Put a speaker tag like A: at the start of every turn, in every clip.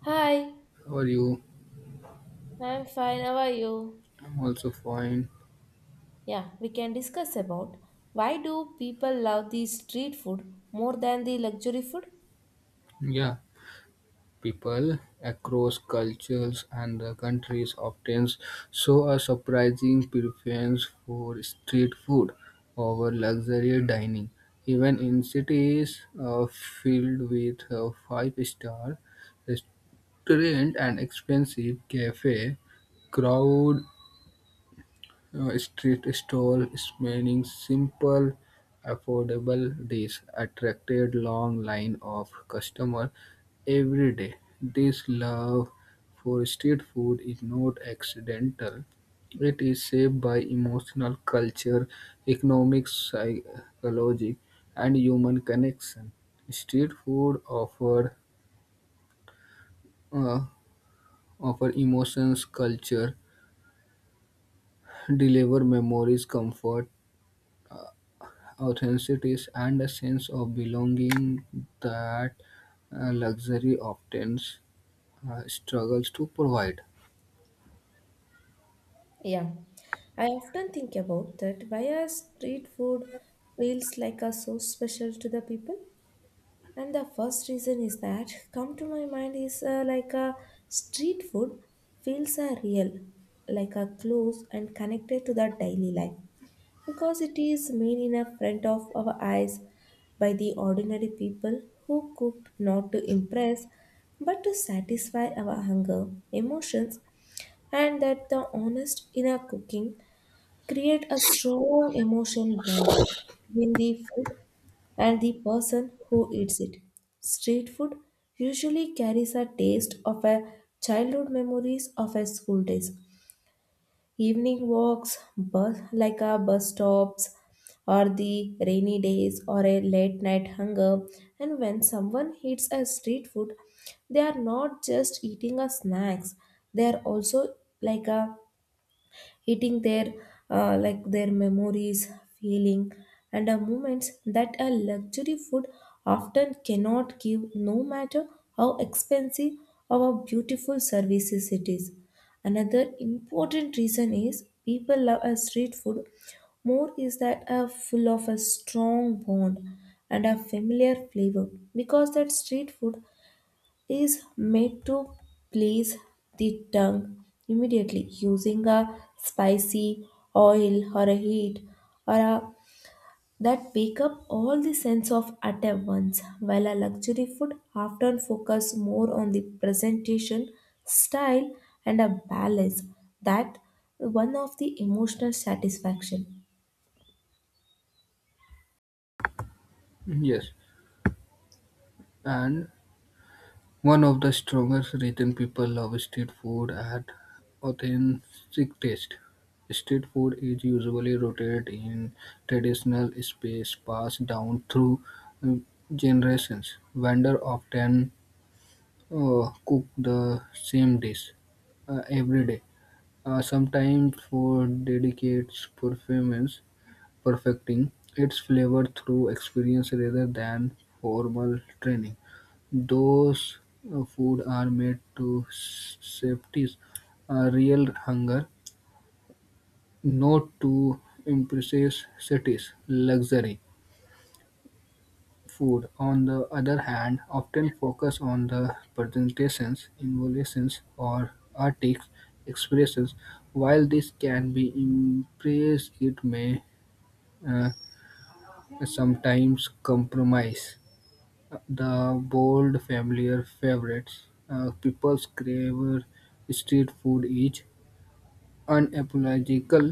A: Hi,
B: How are you?
A: I'm fine. How are you?
B: I'm also fine.
A: Yeah, we can discuss about why do people love the street food more than the luxury food?
B: Yeah, people across cultures and the countries often show a surprising preference for street food over luxury dining. Even in cities filled with a five-star restaurant and expensive cafe, crowd, street stalls meaning simple, affordable dish attracted long line of customer every day. This love for street food is not accidental. It is shaped by emotional culture, economic psychology, and human connection. Street food offer uh, offer emotions, culture, deliver memories, comfort, authenticity and a sense of belonging that luxury often struggles to provide.
A: Yeah, I often think about that why our street food feels like a so special to the people. And the first reason is that come to my mind is like a street food feels are real, like a close and connected to the daily life. Because it is made in a front of our eyes by the ordinary people who cooked not to impress but to satisfy our hunger, emotions, and that the honest in our cooking create a strong emotion bond between the food and the person who eats it. Street food usually carries a taste of a childhood memories of a school days, evening walks, bus like a bus stops, or the rainy days, or a late night hunger. And when someone eats a street food, they are not just eating a snacks; they are also like a eating their like their memories, feeling, and moments that a luxury food often cannot give, no matter how expensive or beautiful services it is. Another important reason is people love a street food more is that a full of a strong bond and a familiar flavor because that street food is made to please the tongue immediately using a spicy oil or a heat or a that pick up all the sense of at a once while a luxury food often focus more on the presentation style and a balance that one of the emotional satisfaction.
B: Yes, and one of the strongest reason people love street food at authentic taste. Street food is usually rooted in traditional space passed down through um, generations. Vendor often cook the same dish every day. Sometimes food dedicates performance, perfecting its flavor through experience rather than formal training. Those food are made to safety real hunger, not to impress cities luxury. Food, on the other hand, often focus on the presentations, involutions, or artistic expressions. While this can be embraced, it may uh, sometimes compromise the bold familiar favorites. People's crave street food is unapological,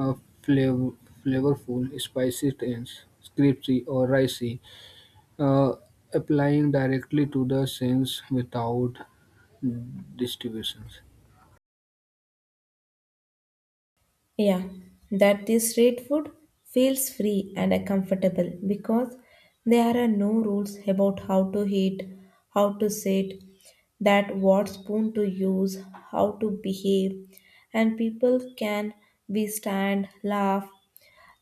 B: uh, flav- flavorful, spicy, and crispy or ricey, uh, applying directly to the sense without distributions.
A: Yeah, that the street food feels free and comfortable because there are no rules about how to eat, how to sit, that what spoon to use, how to behave, and people can be stand, laugh,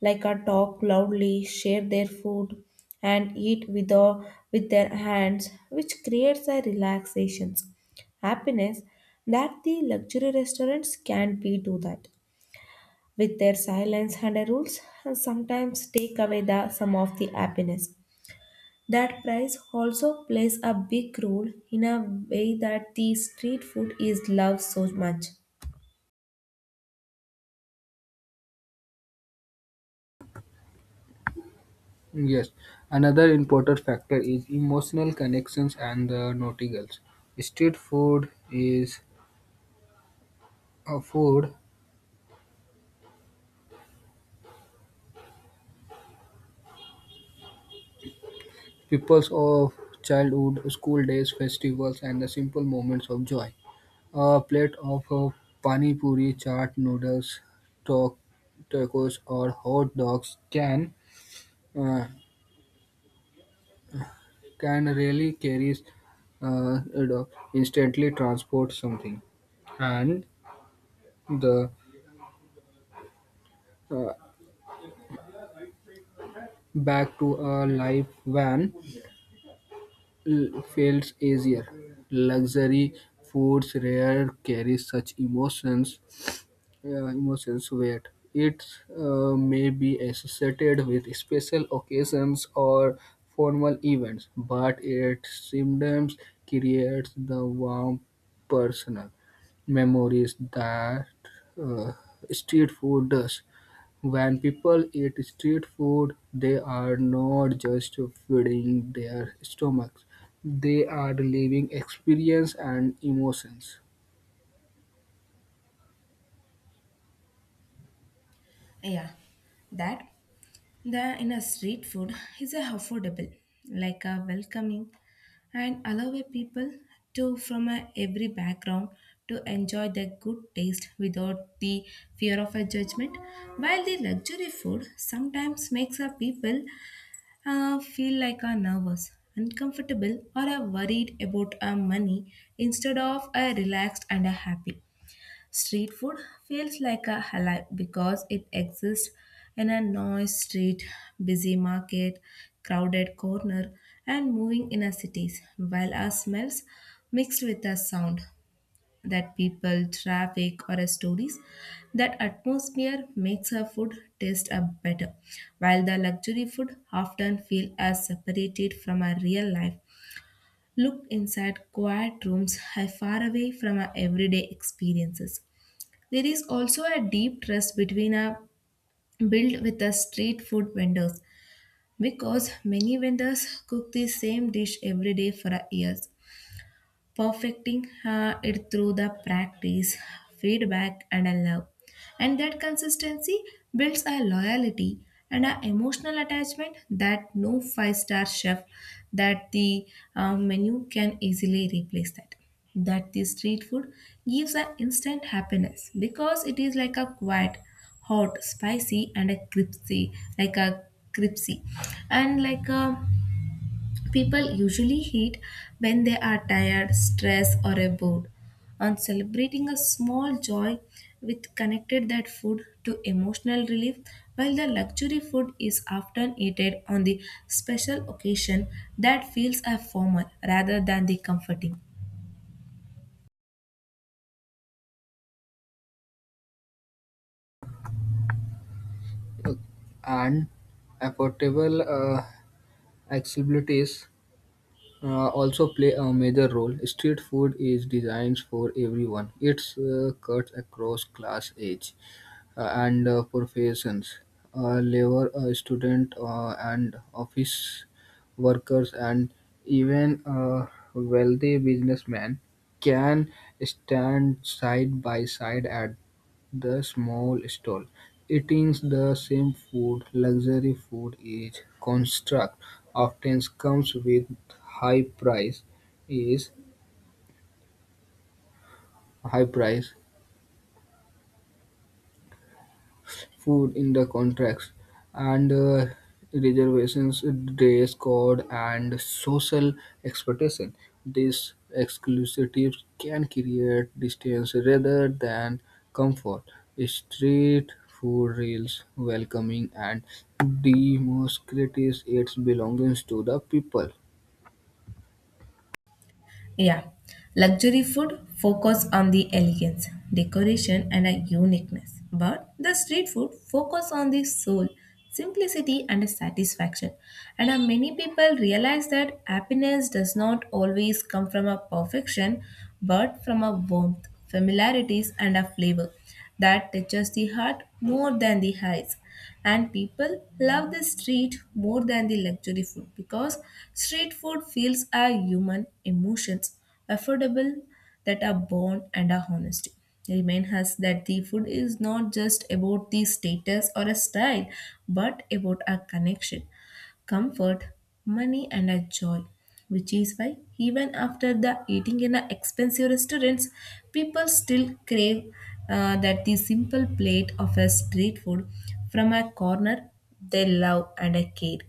A: like a talk loudly, share their food, and eat with their hands, which creates a relaxation, happiness that the luxury restaurants can't be do that with their silence and their rules and sometimes take away the some of the happiness. That price also plays a big role in a way that the street food is loved so much.
B: Yes, another important factor is emotional connections and the noticals. Street food is a food peoples of childhood, school days, festivals, and the simple moments of joy. A plate of pani puri, chaat noodles, talk tacos, or hot dogs can uh, can really carries, uh, you know, instantly transport something and the uh, back to a life van feels easier luxury foods rare carry such emotions. Yeah, emotions weight. It may be associated with special occasions or formal events, but its symptoms creates the warm personal memories that uh, street food does. When people eat street food, they are not just feeding their stomachs; they are living experience and emotions.
A: Yeah, that the in a street food is a affordable, like a welcoming, and allow a people to from a every background to enjoy the good taste without the fear of a judgment. While the luxury food sometimes makes a people feel like are nervous, uncomfortable, or are worried about our money instead of a relaxed and a happy. Street food feels like a alive because it exists in a noisy street, busy market, crowded corner, and moving inner cities, while our smells mixed with the sound that people, traffic, or stories, that atmosphere makes her food taste a better, while the luxury food often feel as separated from our real life. Looked inside quiet rooms, are far away from our everyday experiences. There is also a deep trust between our built with the street food vendors because many vendors cook the same dish every day for a years perfecting it through the practice, feedback, and a love. And that consistency builds a loyalty and an emotional attachment that no five-star chef that the menu can easily replace that. That the street food gives an instant happiness because it is like a quiet, hot, spicy, and a crispy, like a crispy, and like a people usually eat when they are tired, stressed, or are bored. On celebrating a small joy, with connected that food to emotional relief, while the luxury food is often eaten on the special occasion that feels a formal rather than the comforting.
B: And affordable accessibilities also play a major role. Street food is designed for everyone. It cuts across class, age, and professions. Labor, student, and office workers, and even wealthy businessmen can stand side by side at the small stall eating the same food. Luxury food is construct often comes with high price is high price food in the contracts and reservations, dress code, and social expectation. These exclusives can create distance rather than comfort. Street food feels welcoming and demonstrates its belongings to the people.
A: Yeah, luxury food focus on the elegance, decoration, and a uniqueness, but the street food focus on the soul, simplicity, and a satisfaction. And many people realize that happiness does not always come from a perfection, but from a warmth, familiarities, and a flavor that touches the heart more than the eyes and people love the street more than the luxury food because street food feels our human emotions affordable that are born and are honest remind us that the food is not just about the status or a style but about our connection comfort, money, and a joy. Which is why, even after the eating in a expensive restaurants, people still crave that the simple plate of a street food from a corner they love and care.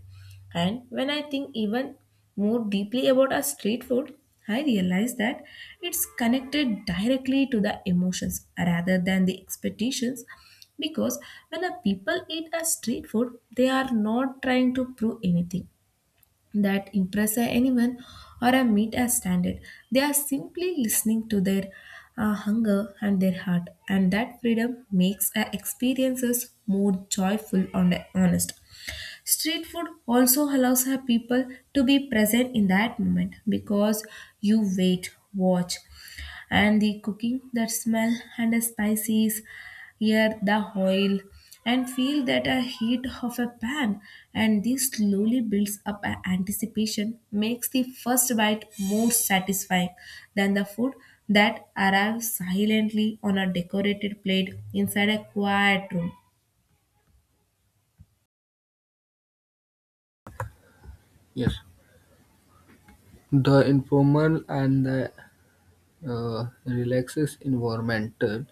A: And when I think even more deeply about our street food, I realize that it's connected directly to the emotions rather than the expectations. Because when a people eat a street food, they are not trying to prove anything that impress anyone or a meet a standard. They are simply listening to their hunger and their heart, and that freedom makes our experiences more joyful and honest. Street food also allows her people to be present in that moment because you wait, watch, and the cooking, that smell and the spices, hear the oil, and feel that a heat of a pan. And this slowly builds up an anticipation, makes the first bite more satisfying than the food that arrives silently on a decorated plate inside a quiet room.
B: Yes, the informal and the relaxed environmental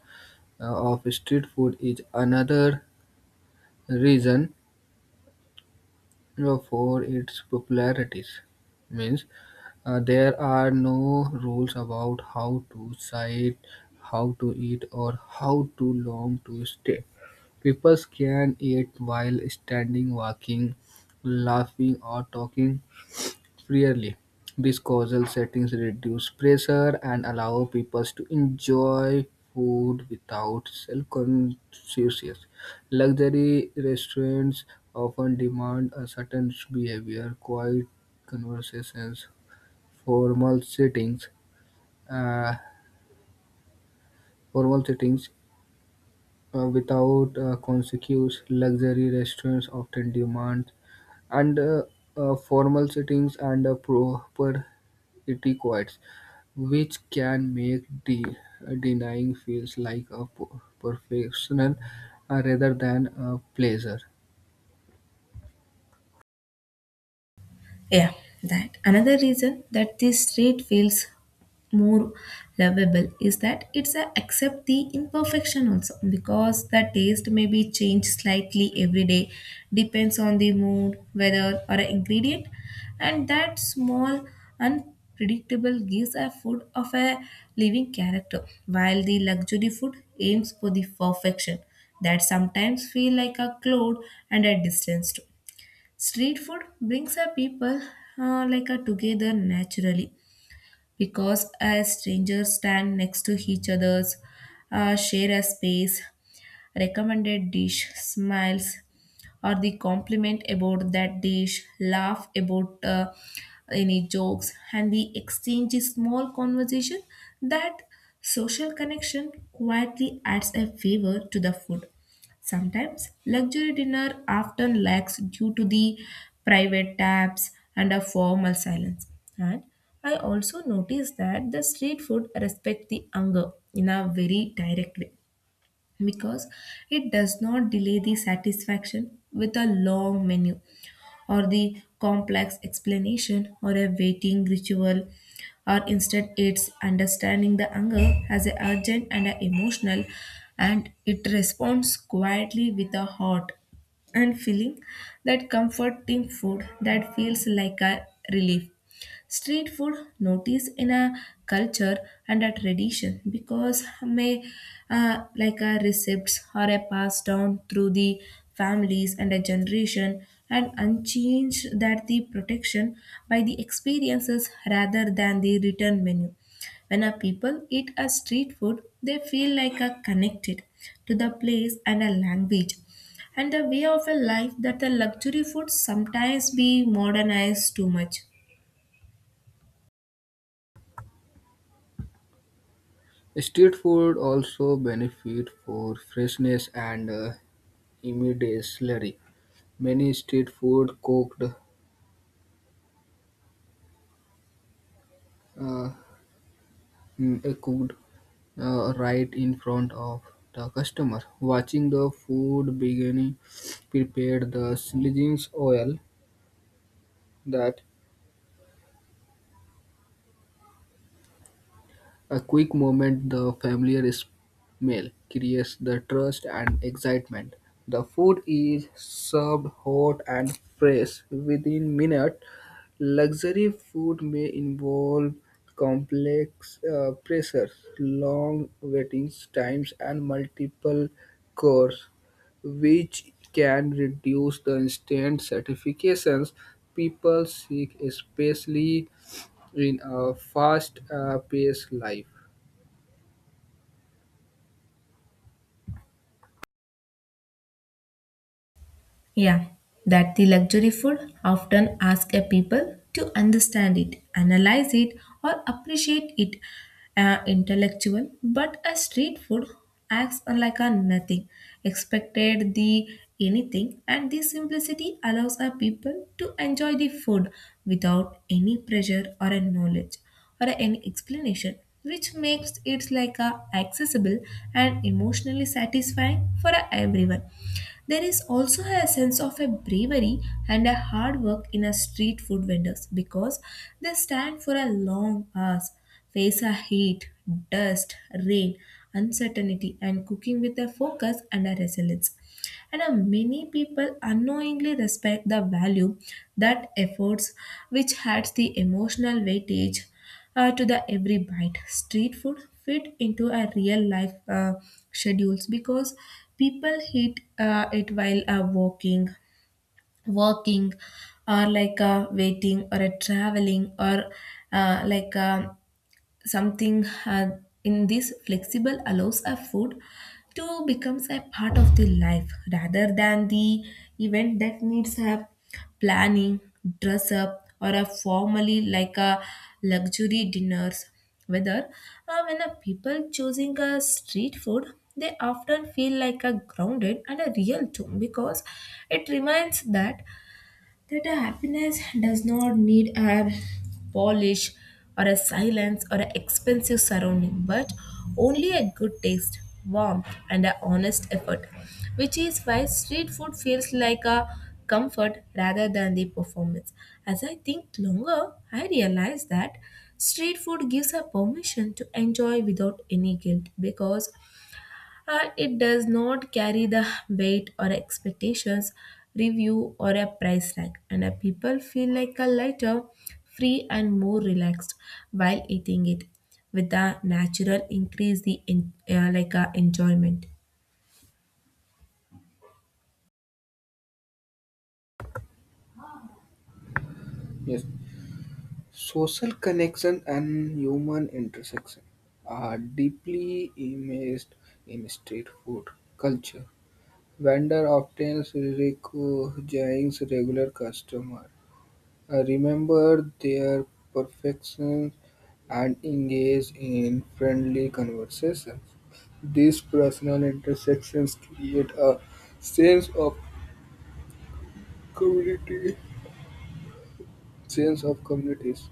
B: of street food is another reason for its popularities. Means there are no rules about how to sight, how to eat, or how too long to stay. People can eat while standing, walking, laughing, or talking. Really, these causal settings reduce pressure and allow people to enjoy food without self-consciousness. Luxury restaurants often demand a certain behavior, quiet conversations, formal settings, uh, formal settings without consequence. Luxury restaurants often demand and formal settings and proper etiquette, which can make denying feels like a professional rather than a pleasure.
A: Yeah, that. Another reason that this street feels more lovable is that it's a accept the imperfection also because the taste may be changed slightly every day depends on the mood weather or ingredient and that small unpredictable gives a food of a living character while the luxury food aims for the perfection that sometimes feel like a cloud and a distance too. Street food brings our people like a together naturally because as strangers stand next to each others, share a space, recommended dish, smiles, or the compliment about that dish, laugh about any jokes, and the exchange is small conversation that social connection quietly adds a favor to the food. Sometimes luxury dinner often lacks due to the private tabs and a formal silence. And I also noticed that the street food respect the hunger in a very direct way because it does not delay the satisfaction with a long menu or the complex explanation or a waiting ritual or instead it's understanding the anger as a urgent and a emotional and it responds quietly with a heart and feeling that comforting food that feels like a relief. Street food notice in a culture and a tradition because may like a recipes or a passed down through the families and a generation and unchanged that the protection by the experiences rather than the return menu. When a people eat a street food, they feel like a connected to the place and a language and the way of a life that the luxury food sometimes be modernized too much.
B: Street food also benefit for freshness and immediacy. Many street food uh, cooked right in front of the customer. Watching the food beginning prepared the sizzling oil that, a quick moment, the familiar smell creates the trust and excitement. The food is served hot and fresh within minutes. Luxury food may involve complex pressures, long waiting times, and multiple courses, which can reduce the instant satisfactions people seek, especially in a fast-paced life.
A: Yeah, that the luxury food often ask a people to understand it, analyze it, or appreciate it intellectual, but a street food acts like a nothing, expected the anything, and this simplicity allows a people to enjoy the food without any pressure or a knowledge or any explanation, which makes it like a accessible and emotionally satisfying for everyone. There is also a sense of a bravery and a hard work in a street food vendors because they stand for a long hours, face a heat, dust, rain, uncertainty, and cooking with a focus and a resilience and many people unknowingly respect the value that efforts which adds the emotional weightage to the every bite street food fit into a real life schedules because people eat it while walking working or like waiting or traveling or uh, like um something had in this flexible allows a food to becomes a part of the life rather than the event that needs a planning dress up or a formally like a luxury dinners whether when a people choosing a street food they often feel like a grounded and a real too because it reminds that a happiness does not need a polish or a silence or an expensive surrounding, but only a good taste, warmth, and a honest effort, which is why street food feels like a comfort rather than the performance. As I think longer, I realize that street food gives a permission to enjoy without any guilt because it does not carry the weight or expectations, review, or a price tag, and people feel like a lighter, free, and more relaxed while eating it, with a natural increase the in, like a enjoyment.
B: Yes, social connection and human intersection are deeply immersed in street food culture. Vendor often recognizes regular customer, remember their perfections, and engage in friendly conversations. These personal intersections create a sense of community, sense of communities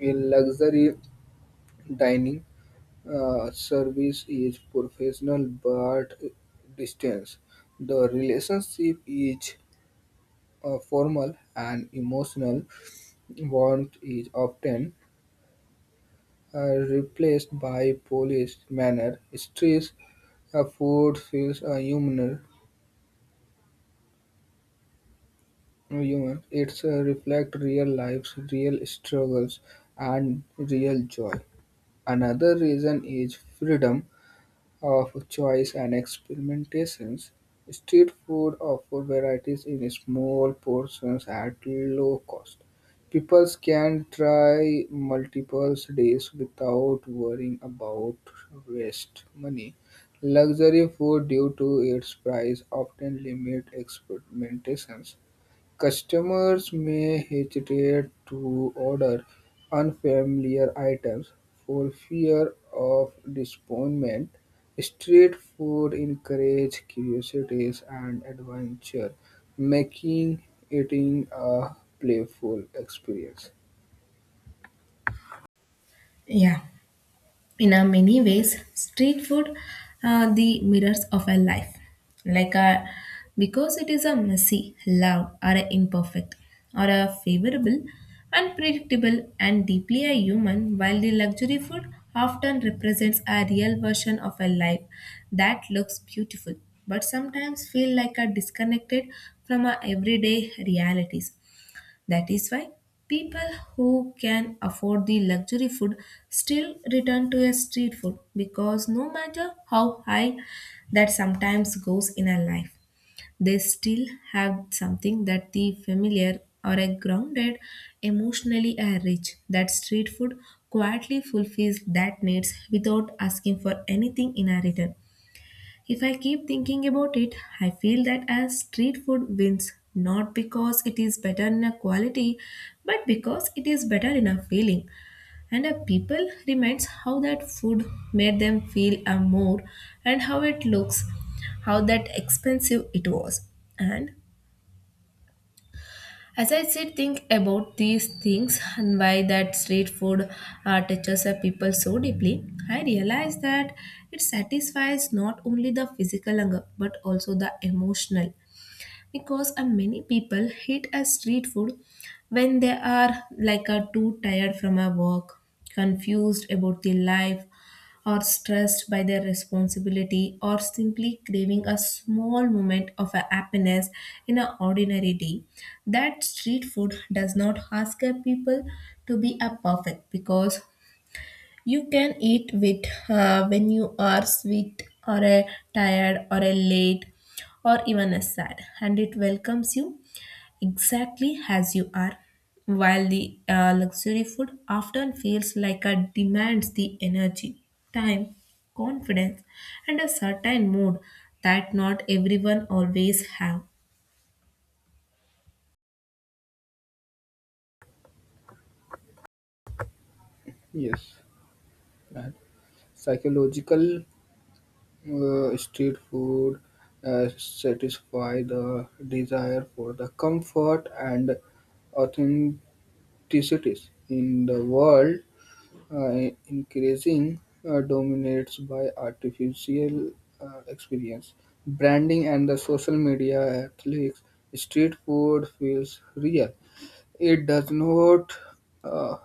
B: in luxury dining. Service is professional but distance. The relationship is formal and emotional. Warmth is often replaced by polished manner. Stress food feels human. It's reflect real lives, real struggles, and real joy. Another reason is freedom of choice and experimentations. Street food offers varieties in small portions at low cost. People can try multiple dishes without worrying about waste money. Luxury food, due to its price, often limit experimentations. Customers may hesitate to order unfamiliar items for fear of disappointment. Street food encourages curiosity and adventure, making eating a playful experience.
A: Yeah. In a many ways, street food are the mirrors of our life, like our, because it is a messy loud or a imperfect or a favorable, unpredictable and deeply a human, while the luxury food often represents a real version of a life that looks beautiful but sometimes feel like a disconnected from our everyday realities. That is why people who can afford the luxury food still return to a street food, because no matter how high that sometimes goes in a life, they still have something that the familiar or a grounded, emotionally a rich. That street food quietly fulfills that needs without asking for anything in a return. If I keep thinking about it, I feel that as street food wins, not because it is better in a quality, but because it is better in a feeling. And a people reminds how that food made them feel a more and how it looks, how that expensive it was. And as I sit think about these things and why that street food touches a people so deeply, I realize that it satisfies not only the physical hunger but also the emotional, because many people hate a street food when they are like too tired from a work, confused about their life, or stressed by their responsibility, or simply craving a small moment of a happiness in an ordinary day. That street food does not ask a people to be a perfect, because you can eat with when you are sweet or a tired or a late or even a sad, and it welcomes you exactly as you are. While the luxury food often feels like it demands the energy, time, confidence, and a certain mood that not everyone always have.
B: Yes, and psychological, street food satisfy the desire for the comfort and authentic. Cities in the world, increasing dominates by artificial experience, branding, and the social media athletes. Street food feels real. It does not uh,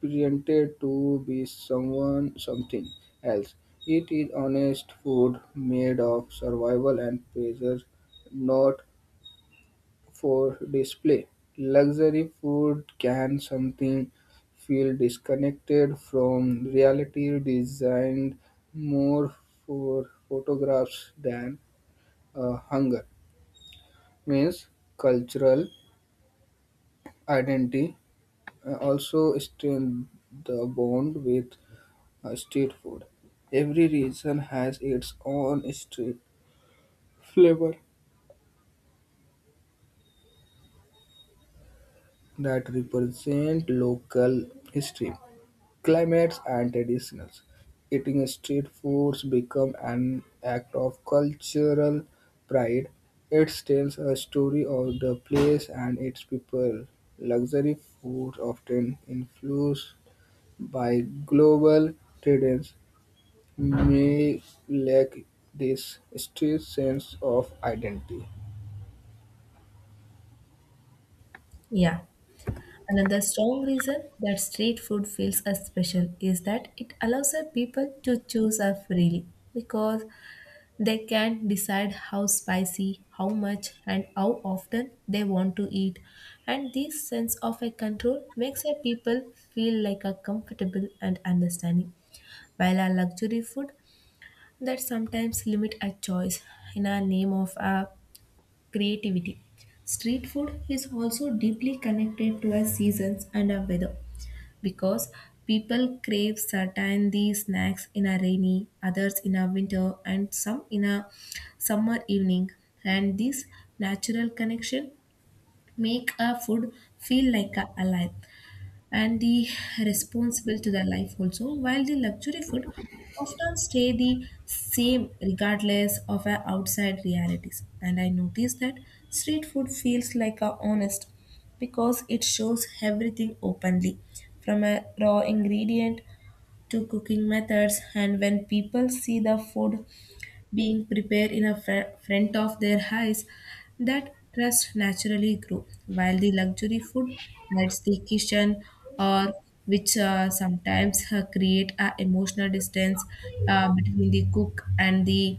B: pretend to be someone something else. It is honest food made of survival and pleasure, not for display. Luxury food can something feel disconnected from reality, designed more for photographs than hunger. Means cultural identity also strengthen the bond with street food. Every region has its own street flavor that represent local history, climates and traditions. Eating street foods become an act of cultural pride. It tells a story of the place and its people. Luxury foods often influenced by global trends may lack this street sense of identity.
A: Yeah. Another strong reason that street food feels as special is that it allows our people to choose up freely, because they can decide how spicy, how much, and how often they want to eat. And this sense of a control makes our people feel like a comfortable and understanding. While our luxury food that sometimes limit our choice in our name of our creativity. Street food is also deeply connected to our seasons and our weather, because people crave certain these snacks in a rainy, others in a winter, and some in a summer evening, and this natural connection make a food feel like a alive and the responsible to their life also, while the luxury food often stay the same regardless of our outside realities. And I notice that street food feels like a honest because it shows everything openly, from a raw ingredient to cooking methods, and when people see the food being prepared in a front of their eyes, that trust naturally grew. While the luxury food adds the kitchen or which sometimes create a emotional distance between the cook and the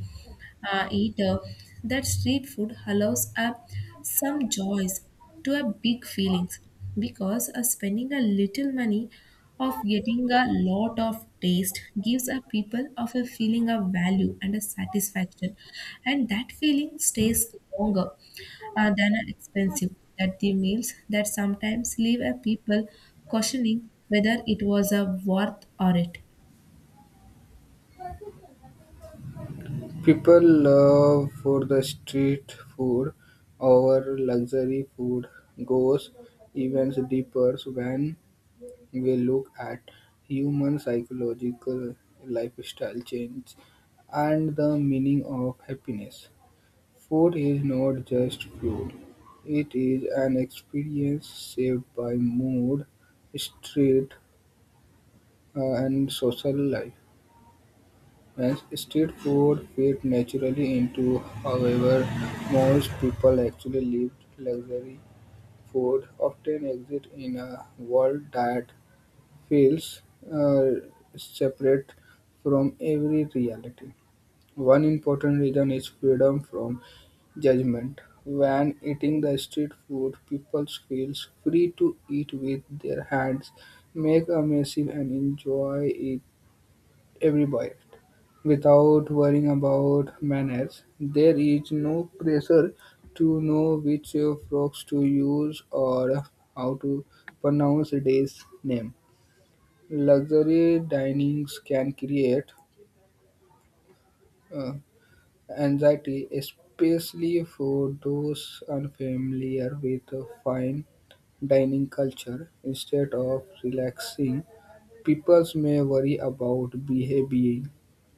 A: eater, that street food allows up some joys to a big feelings, because spending a little money of getting a lot of taste gives a people of a feeling of value and a satisfaction, and that feeling stays longer than an expensive, that the meals that sometimes leave a people questioning whether it was a worth or it.
B: People love for the street food over luxury food goes even deeper when we look at human psychological lifestyle change and the meaning of happiness. Food is not just fuel, it is an experience shaped by mood, street, and social life. When street food fit naturally into however, most people actually live luxury food often exists in a world that feels uh, separate from every reality. One important reason is freedom from judgment. When eating the street food, people feel free to eat with their hands, make a mess, and enjoy it every bite without worrying about manners. There is no pressure to know which frogs to use or how to pronounce a day's name. Luxury dinings can create uh, anxiety, especially for those unfamiliar with a fine dining culture. Instead of relaxing, people may worry about behavior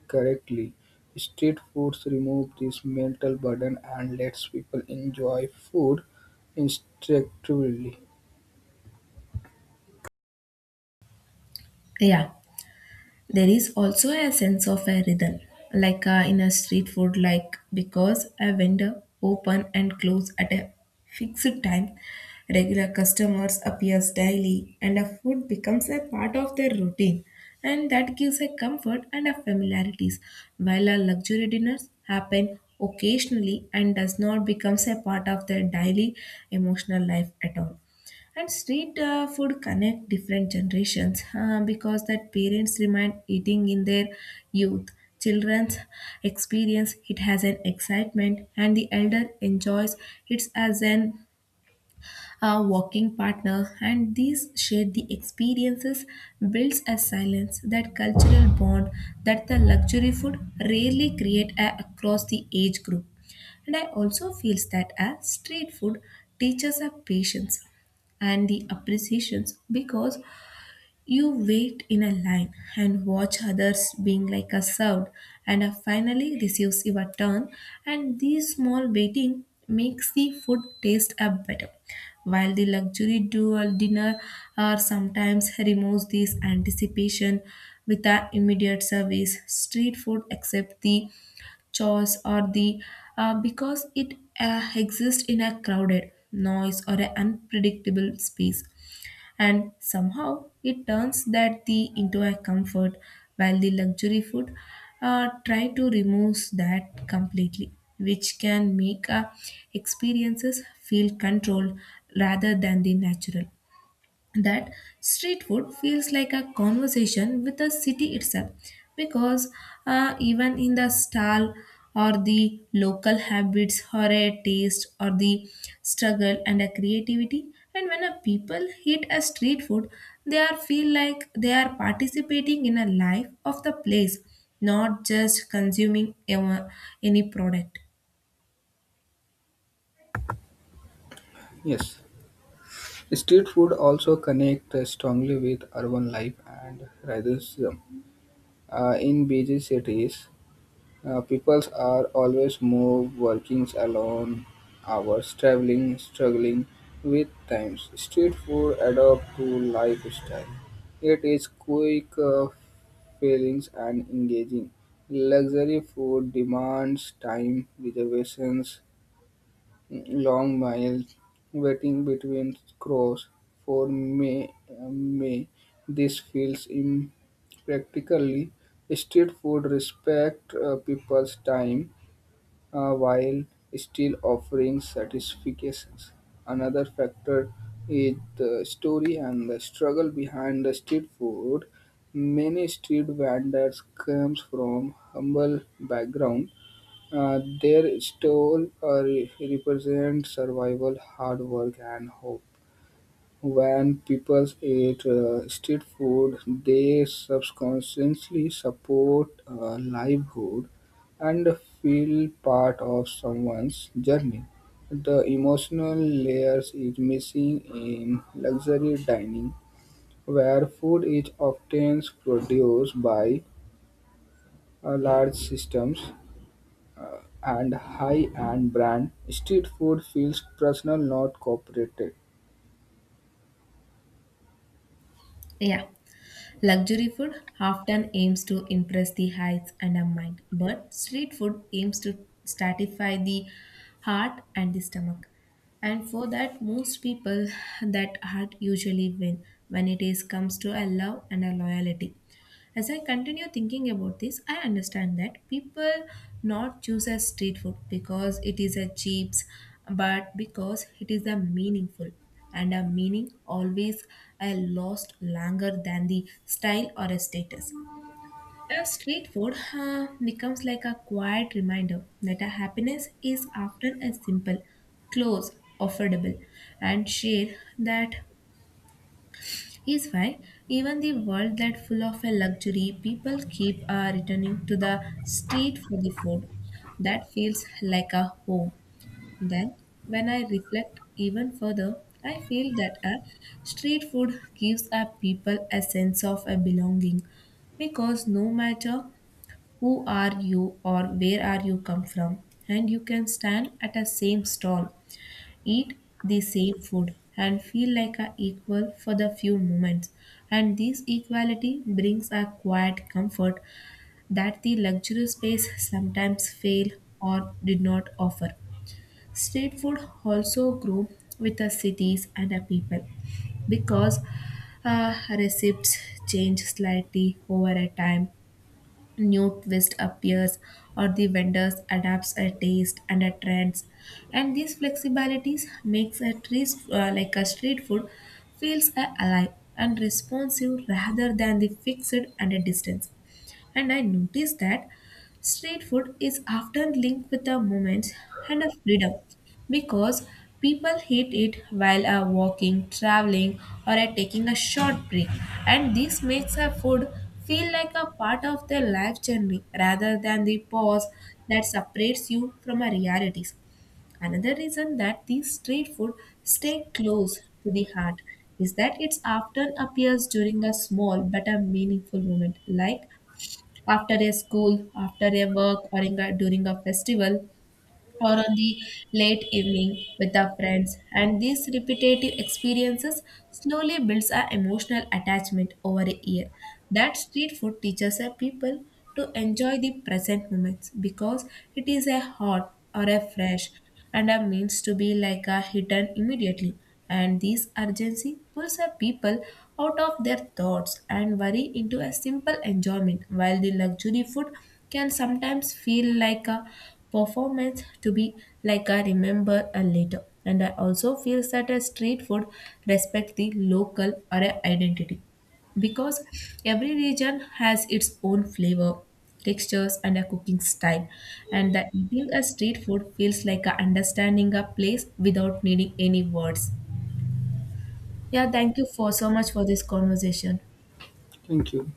B: correctly. Street foods remove this mental burden and lets people enjoy food instinctively.
A: Yeah, there is also a sense of a rhythm, like in a street food, like because a vendor open and close at a fixed time, regular customers appears daily and a food becomes a part of their routine, and that gives a comfort and a familiarities, while our luxury dinners happen occasionally and does not becomes a part of their daily emotional life at all. And street food connect different generations, because that parents remind eating in their youth. Children's experience it has an excitement, and the elder enjoys it as an a walking partner, and these share the experiences builds a silence, that cultural bond that the luxury food rarely create across the age group. And I also feels that a street food teaches a patience and the appreciations, because you wait in a line and watch others being like a served, and finally receives your turn, and this small waiting makes the food taste up better. While the luxury dual dinner or sometimes removes this anticipation with the immediate service, street food accept the chores or the, because it exists in a crowded noise or an unpredictable space, and somehow it turns that the into a comfort, while the luxury food try to remove that completely, which can make experiences feel controlled rather than the natural. That street food feels like a conversation with the city itself, because even in the stall or the local habits or a taste or the struggle and a creativity, and when a people eat a street food, they are feel like they are participating in a life of the place, not just consuming any product.
B: Yes, street food also connects strongly with urban life and racism. In busy cities, people are always moved, working alone hours, traveling, struggling with times. Street food adapt to lifestyle. It is quick, feelings and engaging. Luxury food demands time, reservations, long miles waiting between crows for May. This feels impractically. Street food respect people's time, while still offering satisfactions. Another factor is the story and the struggle behind the street food. Many street vendors comes from humble background. Their stall represents survival, hard work, and hope. When people eat street food, they subconsciously support livelihood and feel part of someone's journey. The emotional layers is missing in luxury dining, where food is often produced by large systems and high-end brand. Street food feels personal, not corporate.
A: Yeah. Luxury food often aims to impress the eyes and the mind, but street food aims to satisfy the heart and the stomach. And for that, most people that heart usually win when it is comes to a love and a loyalty. As I continue thinking about this, I understand that people not choose as street food because it is a cheap, but because it is a meaningful. And a meaning always a lost longer than the style or a status. A street food becomes like a quiet reminder that a happiness is often a simple, close, affordable, and share, that is why even the world that full of a luxury, people keep returning to the street for the food that feels like a home. Then when I reflect even further, I feel that a street food gives a people a sense of a belonging, because no matter who are you or where are you come from, and you can stand at a same stall, eat the same food and feel like a equal for the few moments, and this equality brings a quiet comfort that the luxury space sometimes fail or did not offer. Street food also grew with the cities and the people, because recipes change slightly over a time, new twist appears, or the vendors adapts a taste and a trends, and these flexibilities makes a tree, like a street food, feels a alive and responsive rather than the fixed and a distance. And I noticed that street food is often linked with a moment and a freedom, because people eat it while are walking, traveling, or are taking a short break. And this makes a food feel like a part of their life journey rather than the pause that separates you from our realities. Another reason that these street food stay close to the heart is that it often appears during a small but a meaningful moment, like after a school, after a work, or in a, during a festival, or on the late evening with our friends. And these repetitive experiences slowly builds our emotional attachment over a year. That street food teaches our people to enjoy the present moments, because it is a hot or a fresh and a means to be like a hidden immediately. And this urgency pulls a people out of their thoughts and worry into a simple enjoyment, while the luxury food can sometimes feel like a performance to be like a remember a later. And I also feel that a street food respect the local or a identity, because every region has its own flavor, textures and a cooking style, and that eating a street food feels like a understanding a place without needing any words. Yeah, thank you for so much for this conversation.
B: Thank you.